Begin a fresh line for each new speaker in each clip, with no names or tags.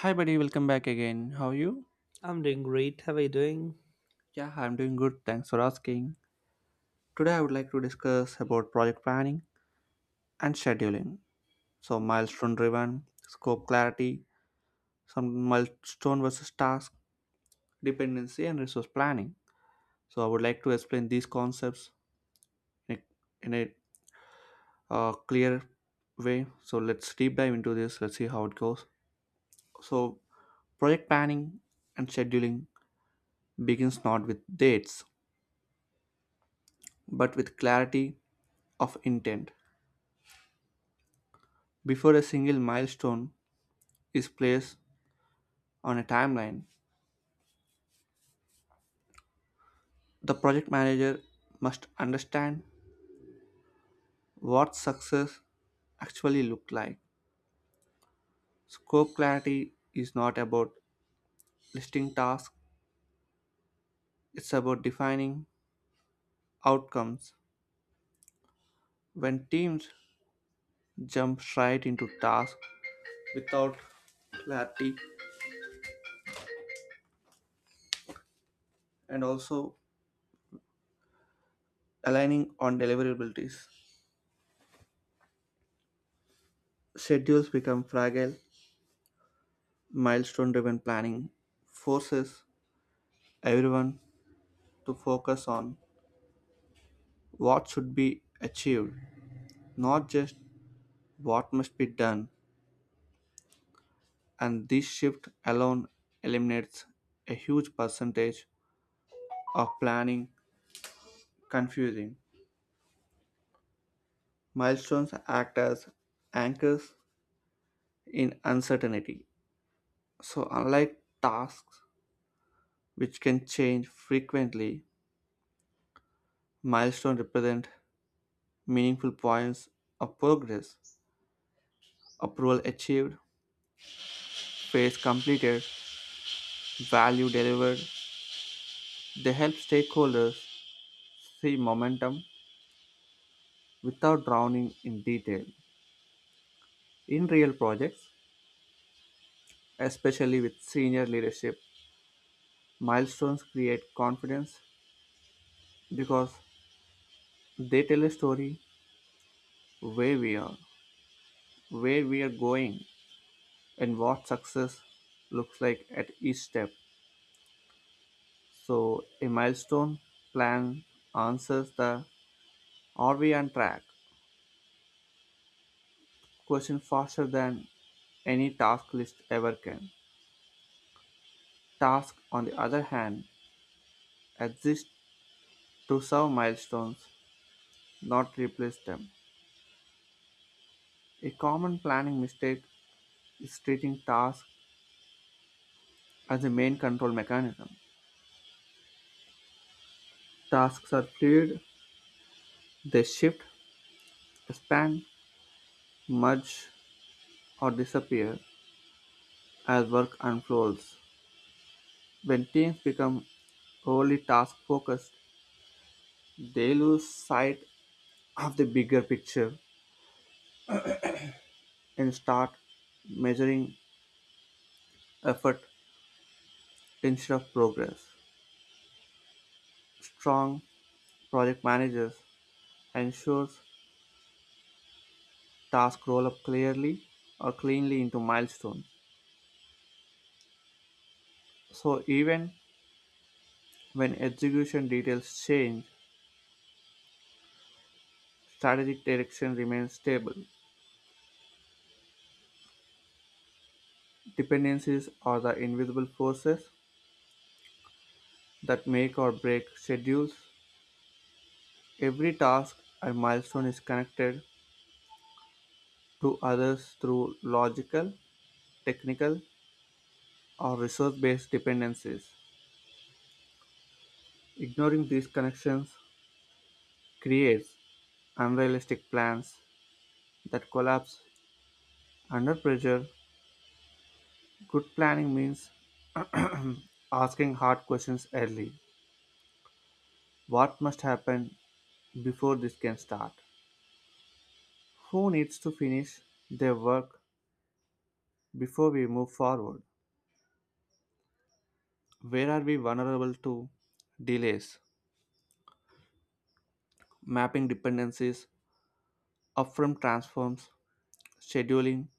Hi, buddy, welcome back again. How are you?
I'm doing great. How are you doing?
Yeah, I'm doing good. Thanks for asking. Today, I would like to discuss about project planning and scheduling. So, milestone driven, scope clarity, some milestone versus task, dependency, and resource planning. So, I would like to explain these concepts in a, in a clear way. So, let's deep dive into this. Let's see how it goes. So, project planning and scheduling begins not with dates, but with clarity of intent. Before a single milestone is placed on a timeline, the project manager must understand what success actually looked like. Scope clarity is not about listing tasks, it's about defining outcomes. When teams jump straight into tasks without clarity and also aligning on deliverabilities, schedules become fragile, milestone driven planning forces everyone to focus on what should be achieved, not just what must be done, and this shift alone eliminates a huge percentage of planning confusing. Milestones act as anchors in uncertainty. So, unlike tasks which can change frequently, milestones represent meaningful points of progress, approval achieved, phase completed, value delivered. They help stakeholders see momentum without drowning in detail. In real projects, especially with senior leadership, milestones create confidence because they tell a story where we are, where we are going, and what success looks like at each step. So, a milestone plan answers the are we on track question faster than any task list ever can. Tasks, on the other hand, exist to serve milestones, not replace them. A common planning mistake is treating tasks as the main control mechanism. Tasks are fluid, they shift, expand, merge, or disappear as work unfolds. When teams become overly task focused, they lose sight of the bigger picture and start measuring effort instead of progress. Strong project managers ensures tasks roll up clearly or cleanly into milestones. So even when execution details change, strategic direction remains stable. Dependencies are the invisible forces that make or break schedules. Every task or milestone is connected to others through logical, technical, or resource based dependencies. Ignoring these connections creates unrealistic plans that collapse under pressure. Good planning means asking hard questions early. What must happen before this can start? Who needs to finish their work before we move forward? Where are we vulnerable to delays? Mapping dependencies, upfront transforms, scheduling,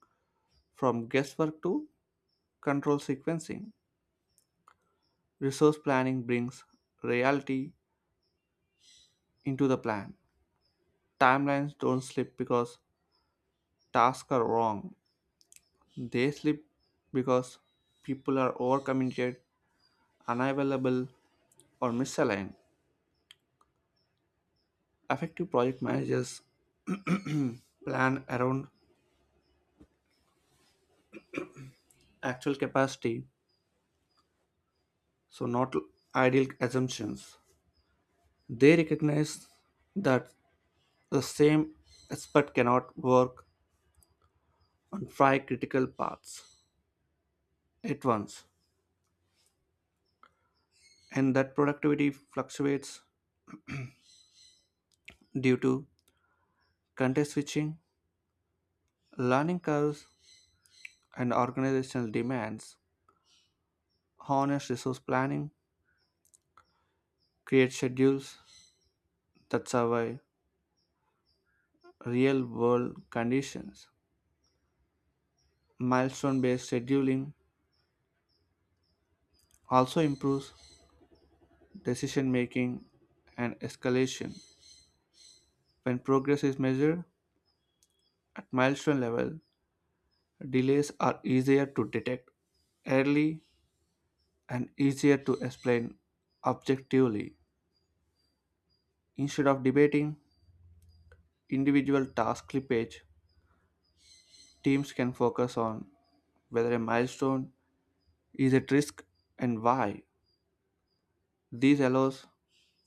from guesswork to control sequencing. Resource planning brings reality into the plan. Timelines don't slip because tasks are wrong, they slip because people are overcommitted unavailable, or misaligned. Effective project managers plan around actual capacity, so not ideal assumptions. They recognize that the same expert cannot work on five critical paths at once, and that productivity fluctuates due to context switching, learning curves, and organizational demands. Honest resource planning creates schedules that survive real world conditions. Milestone based scheduling also improves decision making and escalation. When progress is measured at milestone level, delays are easier to detect early and easier to explain objectively. Instead of debating individual task slippage, teams can focus on whether a milestone is at risk and why. This allows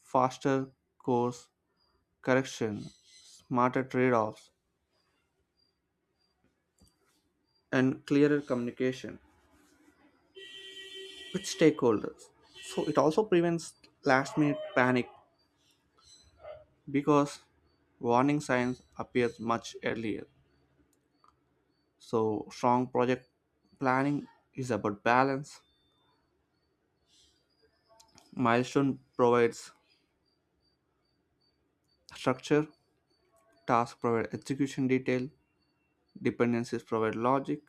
faster course correction, smarter trade offs, and clearer communication with stakeholders. So it also prevents last minute panic because warning signs appear much earlier. So strong project planning is about balance. Milestone provides structure, task provide execution detail, dependencies provide logic,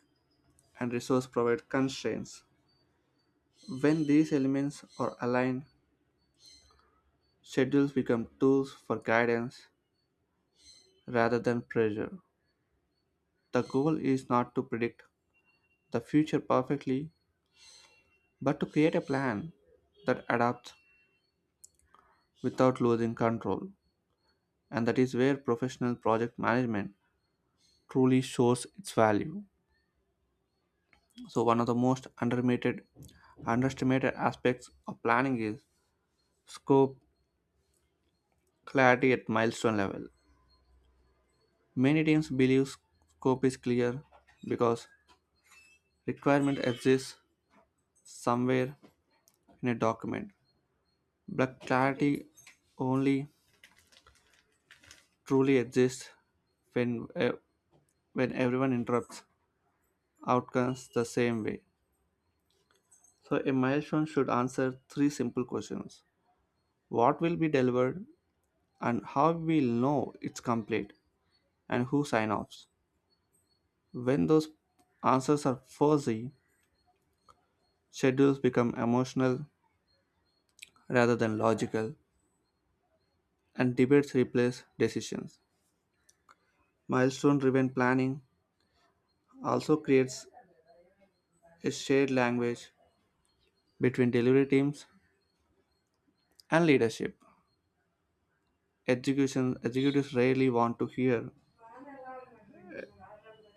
and resource provide constraints. When these elements are aligned, schedules become tools for guidance rather than pressure. The goal is not to predict the future perfectly, but to create a plan that adapts without losing control. And that is where professional project management truly shows its value. So, one of the most underrated, underestimated aspects of planning is scope clarity at milestone level. Many teams believe scope is clear because requirement exists somewhere in a document. But clarity only truly exists when eh, when everyone interrupts outcomes the same way. So a milestone should answer three simple questions: what will be delivered, and how we'll know it's complete, and who sign offs. When those answers are fuzzy, schedules become emotional rather than logical, and debates replace decisions. Milestone driven planning also creates a shared language between delivery teams and leadership. Education executives rarely want to hear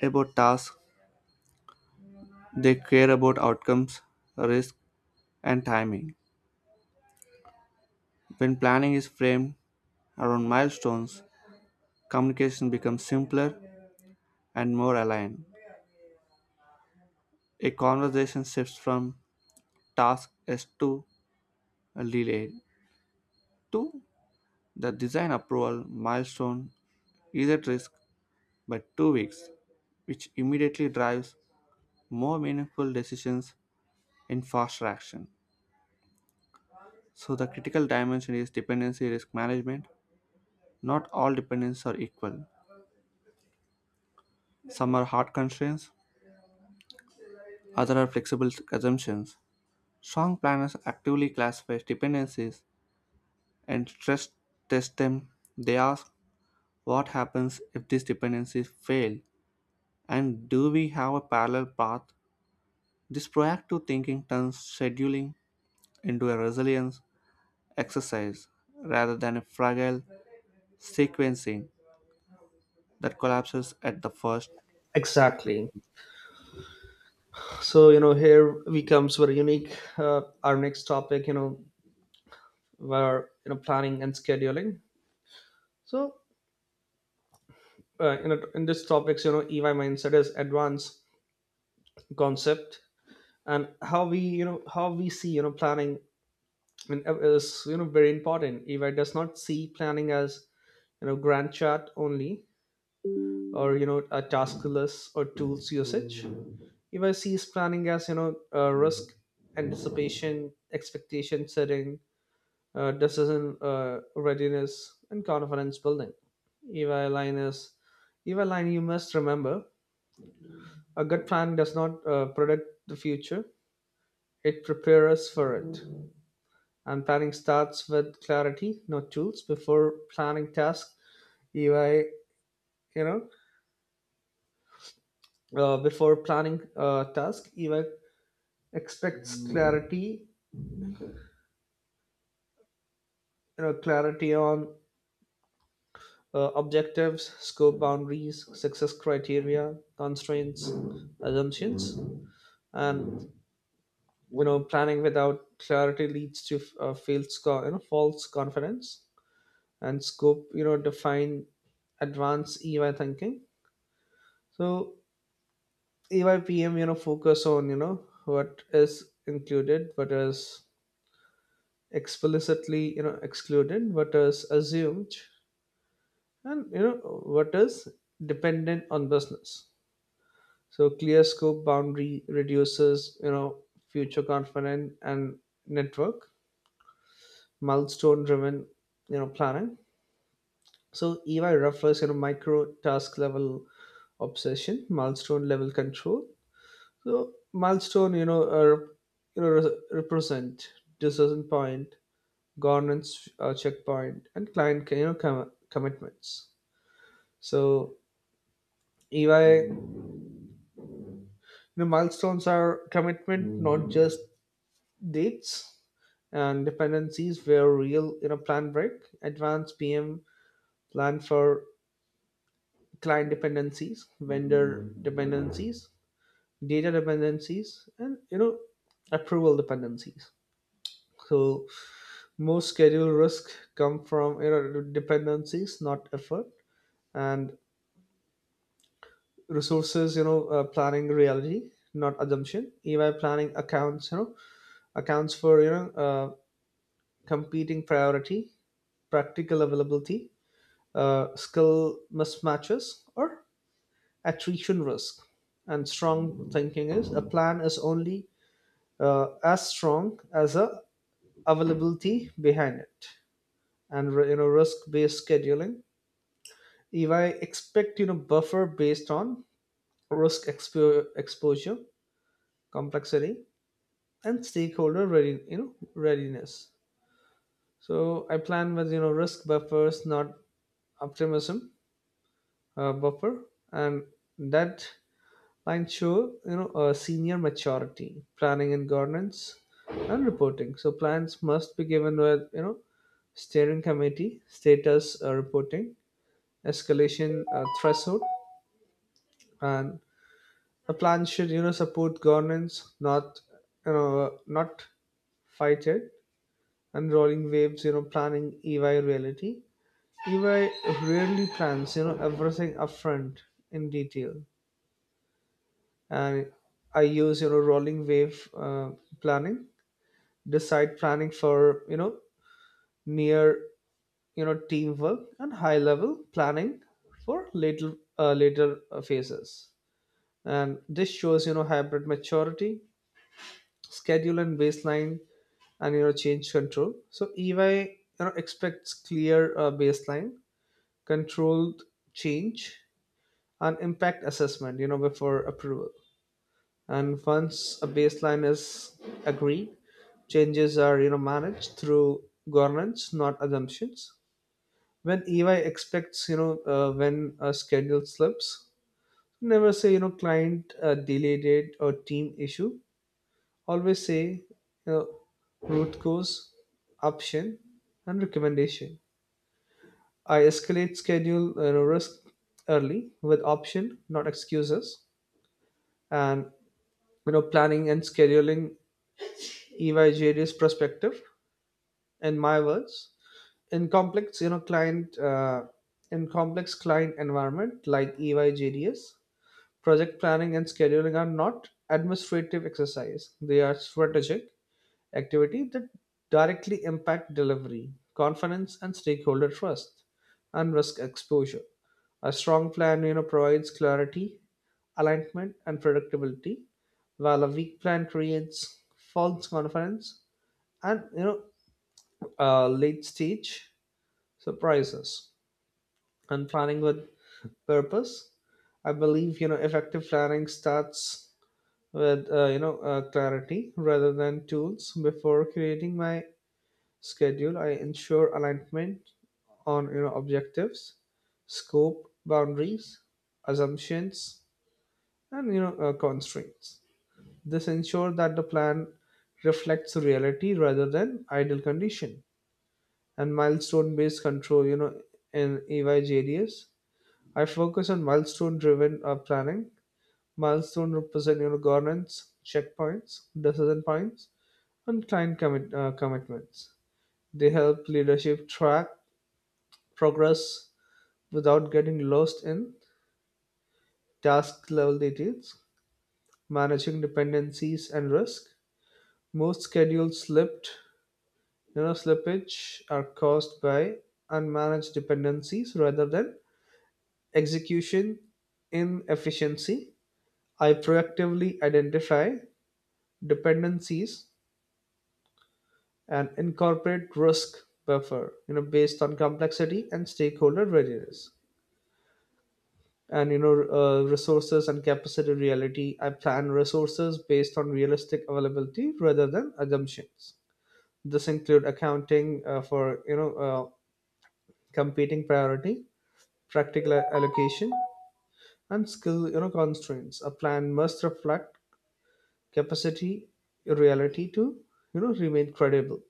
about tasks. They care about outcomes, risk, and timing. When planning is framed around milestones, communication becomes simpler and more aligned. A conversation shifts from task as to a delay to the design approval milestone is at risk by 2 weeks, which immediately drives more meaningful decisions in faster action. So, the critical dimension is dependency risk management. Not all dependencies are equal. Some are hard constraints, others are flexible assumptions. Strong planners actively classify dependencies and stress test them. They ask what happens if these dependencies fail and do we have a parallel path? This proactive thinking turns scheduling into a resilience exercise rather than a fragile sequencing that collapses at the first.
Exactly. So here we comes with a unique, our next topic, where, planning and scheduling. So, in this topics, EY mindset is advanced concept and how we, how we see, planning and is, very important. EY does not see planning as, grand chart only or, a task list or tools usage. If I see planning as risk anticipation, expectation setting, decision readiness, and confidence building. If i line is if i line you must remember a good plan does not predict the future, it prepares us for it. And planning starts with clarity, not tools. Before planning task if I you know before planning task if I expects clarity, clarity on objectives, scope boundaries, success criteria, constraints, assumptions, and planning without clarity leads to failed sco- you know false confidence. And scope, define advanced EY thinking. So EYPM focus on what is included, what is explicitly excluded, what is assumed, and what is dependent on business. So clear scope boundary reduces, future confident. And network, milestone driven, planning. So EY refers, micro task level obsession, milestone level control. So milestone, are, represent decision point, governance checkpoint, and client, commitments. So EY, milestones are commitment, not just dates. And dependencies were real in a plan break. Advanced PM planned for client dependencies, vendor dependencies, data dependencies, and approval dependencies. So most schedule risk come from dependencies, not effort, and resources. Planning reality, not assumption. EY planning accounts. Accounts for competing priority, practical availability, skill mismatches, or attrition risk. And strong thinking is, a plan is only as strong as the availability behind it. And risk-based scheduling. If I expect buffer based on risk exposure, complexity, and stakeholder ready you know readiness. So I plan with risk buffers, not optimism buffer. And that mine show, senior maturity, planning and governance, and reporting. So plans must be given with, steering committee, status reporting, escalation threshold, and a plan should, you know, support governance, not, not fight it. And rolling waves, planning EY reality. EY rarely plans, everything upfront in detail. And I use rolling wave planning, decide planning for near teamwork and high level planning for later phases. And this shows hybrid maturity, schedule and baseline, and change control. So EY expects clear baseline, controlled change, and impact assessment before approval. And once a baseline is agreed, changes are managed through governance, not assumptions. When EY expects, when a schedule slips, never say client delayed it or team issue, always say you know root cause, option, and recommendation. I escalate schedule, risk early with option, not excuses. And planning and scheduling, EY perspective in my words, in complex, you know, client uh, in complex client environment like EY, project planning and scheduling are not administrative exercise. They are strategic activity that directly impact delivery, confidence, and stakeholder trust, and risk exposure. A strong plan, provides clarity, alignment, and predictability, while a weak plan creates false confidence and late stage surprises. And planning with purpose, I believe effective planning starts with clarity rather than tools. Before creating my schedule, I ensure alignment on objectives, scope boundaries, assumptions, and constraints. This ensures that the plan reflects reality rather than ideal condition. And milestone based control, in EYJDS, I focus on milestone driven planning. Milestone represent, governance, checkpoints, decision points, and commitments. They help leadership track progress without getting lost in task level details. Managing dependencies and risk: most schedules slippage are caused by unmanaged dependencies rather than execution inefficiency. I proactively identify dependencies and incorporate risk buffer, based on complexity and stakeholder readiness. And resources and capacity reality. I plan resources based on realistic availability rather than assumptions. This include accounting for competing priority, practical allocation, and skill, constraints. A plan must reflect capacity reality to remain credible.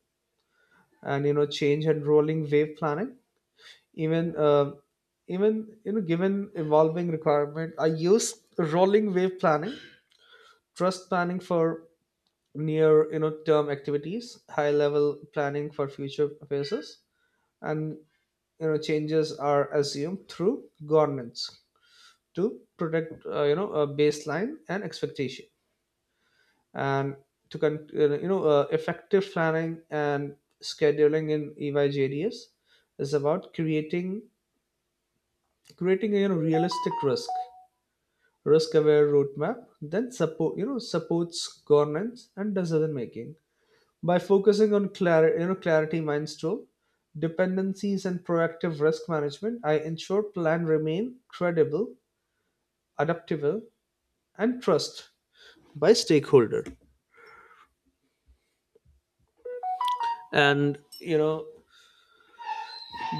And change and rolling wave planning: even given evolving requirement, I use rolling wave planning, trust planning for near term activities, high level planning for future phases. And changes are assumed through governance to protect a baseline and expectation. And to con- you know effective planning and scheduling in EYJDS is about creating a, realistic risk aware roadmap then supports governance and decision making. By focusing on clarity you know clarity, mindstone, dependencies, and proactive risk management, I ensure plan remain credible, adaptable, and trust by stakeholder. And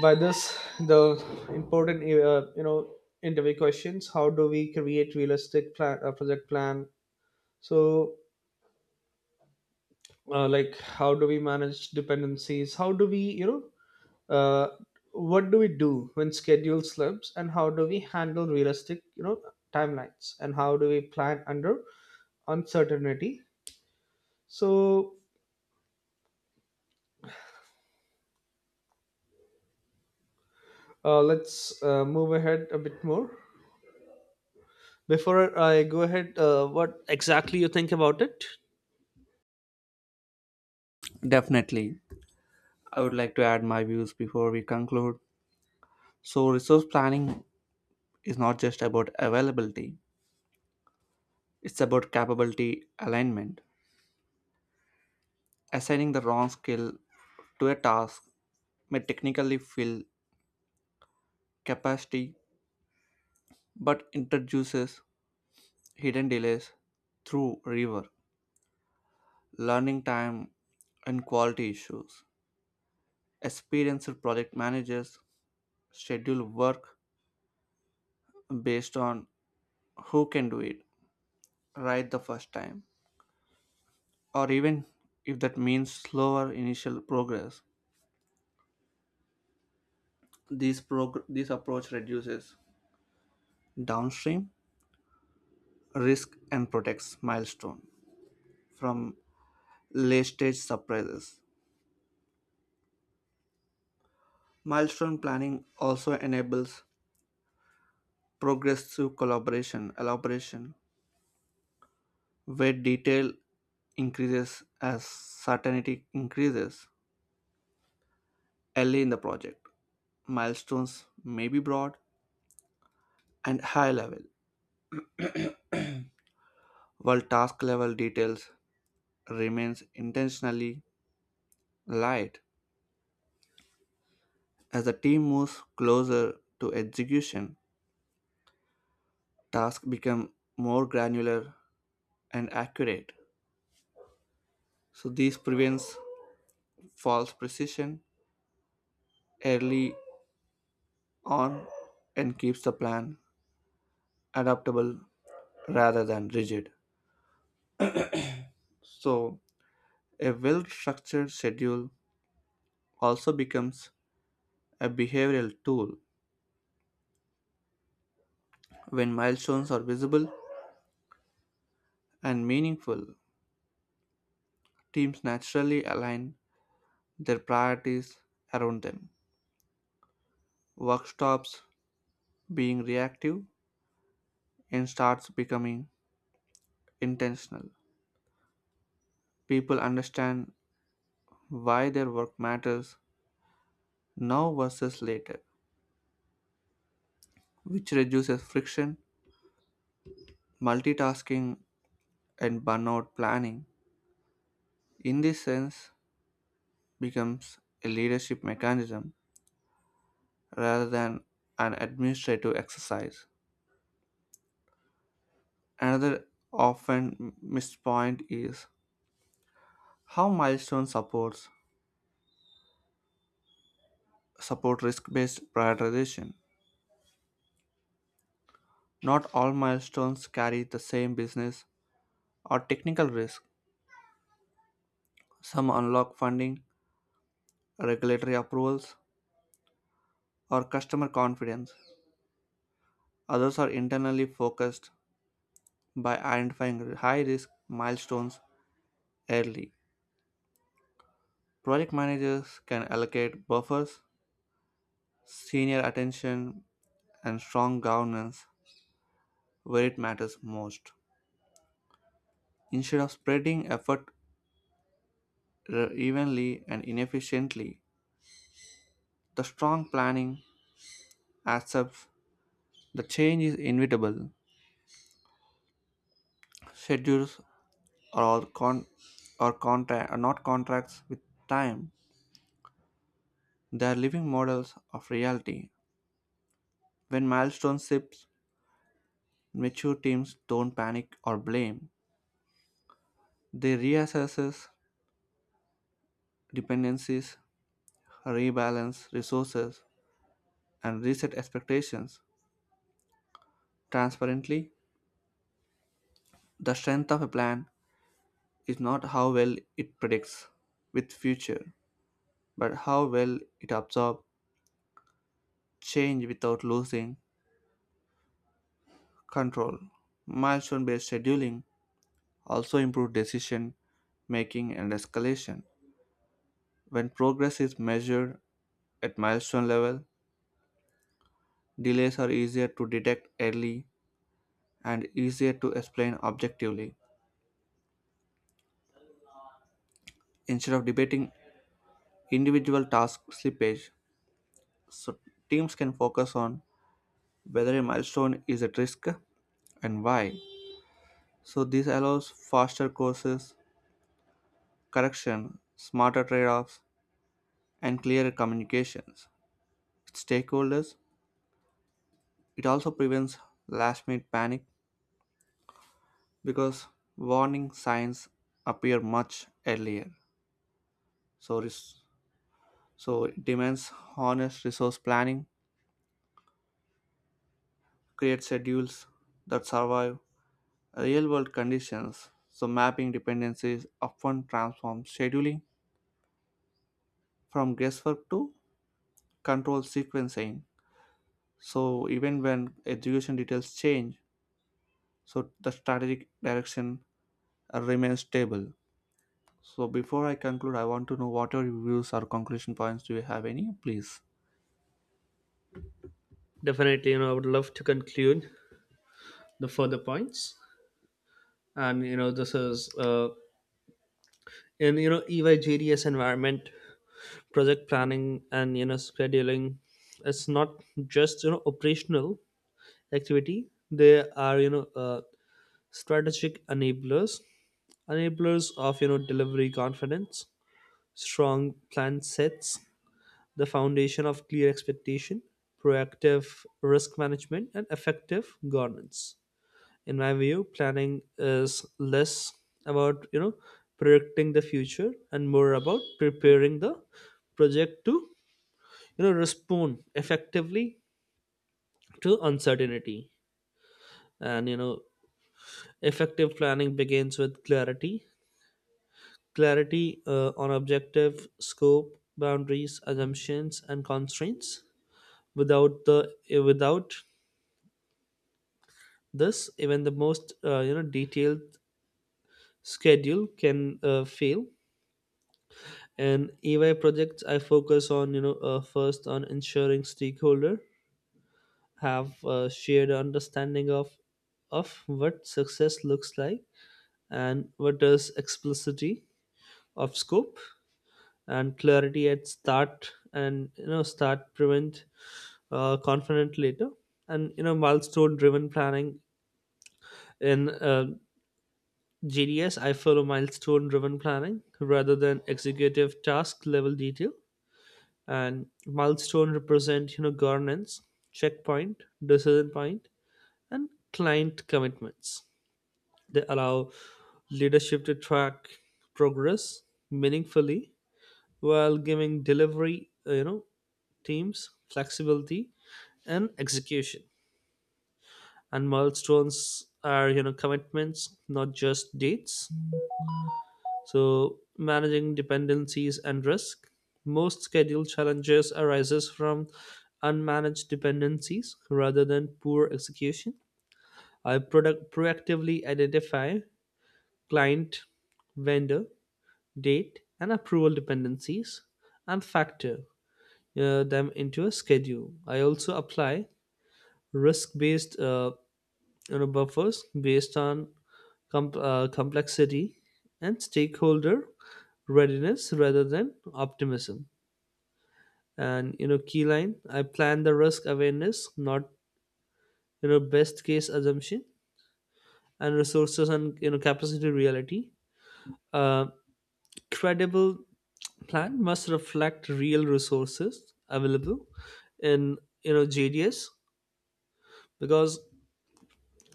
by this, the important interview questions: how do we create realistic plan, project plan? So like how do we manage dependencies? How do we uh, what do we do when schedule slips? And how do we handle realistic, timelines? And how do we plan under uncertainty? So let's move ahead a bit more. Before I go ahead, what exactly you think about it?
Definitely. I would like to add my views before we conclude. So, resource planning is not just about availability, it's about capability alignment. Assigning the wrong skill to a task may technically fill capacity but introduces hidden delays through rework, learning time, and quality issues. Experienced project managers schedule work based on who can do it right the first time or even if that means slower initial progress. This approach reduces downstream risk and protects milestone from late stage surprises. Milestone planning also enables progress through collaboration, elaboration, where detail increases as certainty increases early in the project. Milestones may be broad and high level, while task level details remains intentionally light. As the team moves closer to execution, tasks become more granular and accurate. So this prevents false precision early on and keeps the plan adaptable rather than rigid. So a well-structured schedule also becomes a behavioral tool. When milestones are visible and meaningful, teams naturally align their priorities around them. Work stops being reactive and starts becoming intentional. People understand why their work matters now versus later, which reduces friction, multitasking, and burnout planning. In this sense, becomes a leadership mechanism rather than an administrative exercise. Another often missed point is how milestone supports support risk-based prioritization. Not all milestones carry the same business or technical risk. Some unlock funding, regulatory approvals, or customer confidence. Others are internally focused by identifying high risk milestones early. Project managers can allocate buffers, senior attention, and strong governance where it matters most. Instead of spreading effort evenly and inefficiently, the strong planning accepts the change is inevitable. Schedules or con or contract are not contracts with time. They are living models of reality. When milestone shifts, mature teams don't panic or blame. They reassess dependencies, rebalance resources, and reset expectations. Transparently, the strength of a plan is not how well it predicts with future, but how well it absorbs change without losing control. Milestone based scheduling also improve decision making and escalation. When progress is measured at milestone level, delays are easier to detect early and easier to explain objectively. Instead of debating individual task slippage, so teams can focus on whether a milestone is at risk and why. So this allows faster courses, correction, smarter trade-offs, and clearer communications with stakeholders. It also prevents last-minute panic because warning signs appear much earlier. So, res- so it demands honest resource planning, create schedules that survive real world conditions. So, mapping dependencies often transforms scheduling from guesswork to control sequencing. So, even when execution details change, so the strategic direction remains stable. So, before I conclude, I want to know what are your views or conclusion points. Do you have any, please?
Definitely, I would love to conclude the further points. And you know, this is in you know EYGDS environment, project planning and scheduling, it's not just operational activity. They are strategic enablers, enablers of delivery confidence. Strong plan sets the foundation of clear expectation, proactive risk management, and effective governance. In my view, planning is less about predicting the future and more about preparing the project to respond effectively to uncertainty. And effective planning begins with clarity on objective, scope boundaries, assumptions, and constraints. Without the without this, even the most, detailed schedule can fail. And EY projects, I focus on first on ensuring stakeholder have a shared understanding of what success looks like and what is explicitity of scope. And clarity at start, and you know start prevent confident later. And milestone driven planning in GDS, I follow milestone driven planning rather than executive task level detail. And milestone represent governance, checkpoint, decision point, and client commitments. They allow leadership to track progress meaningfully while giving delivery teams flexibility and execution. And milestones are commitments, not just dates. So, managing dependencies and risk. Most schedule challenges arises from unmanaged dependencies rather than poor execution. I product proactively identify client, vendor, date, and approval dependencies and factor them into a schedule. I also apply risk-based, buffers based on complexity and stakeholder readiness rather than optimism. And key line: I plan the risk awareness, not best case assumption. And resources and capacity reality. Uh, credible plan must reflect real resources available in JDS, because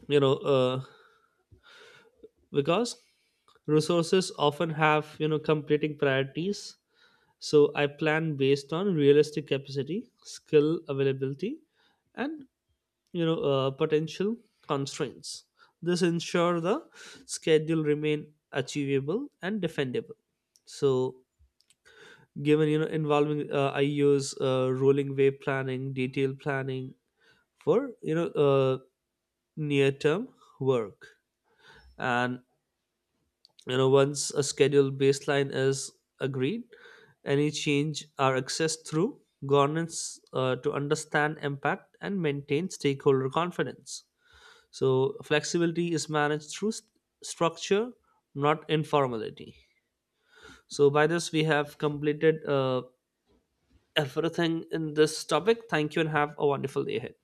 you know uh, because resources often have competing priorities. So I plan based on realistic capacity, skill availability, and potential constraints. This ensure the schedule remain achievable and defendable. So given involving, I use rolling wave planning, detailed planning for near term work. And once a scheduled baseline is agreed, any change are accessed through governance, to understand impact and maintain stakeholder confidence. So flexibility is managed through structure, not informality. So by this, we have completed everything in this topic. Thank you, and have a wonderful day ahead.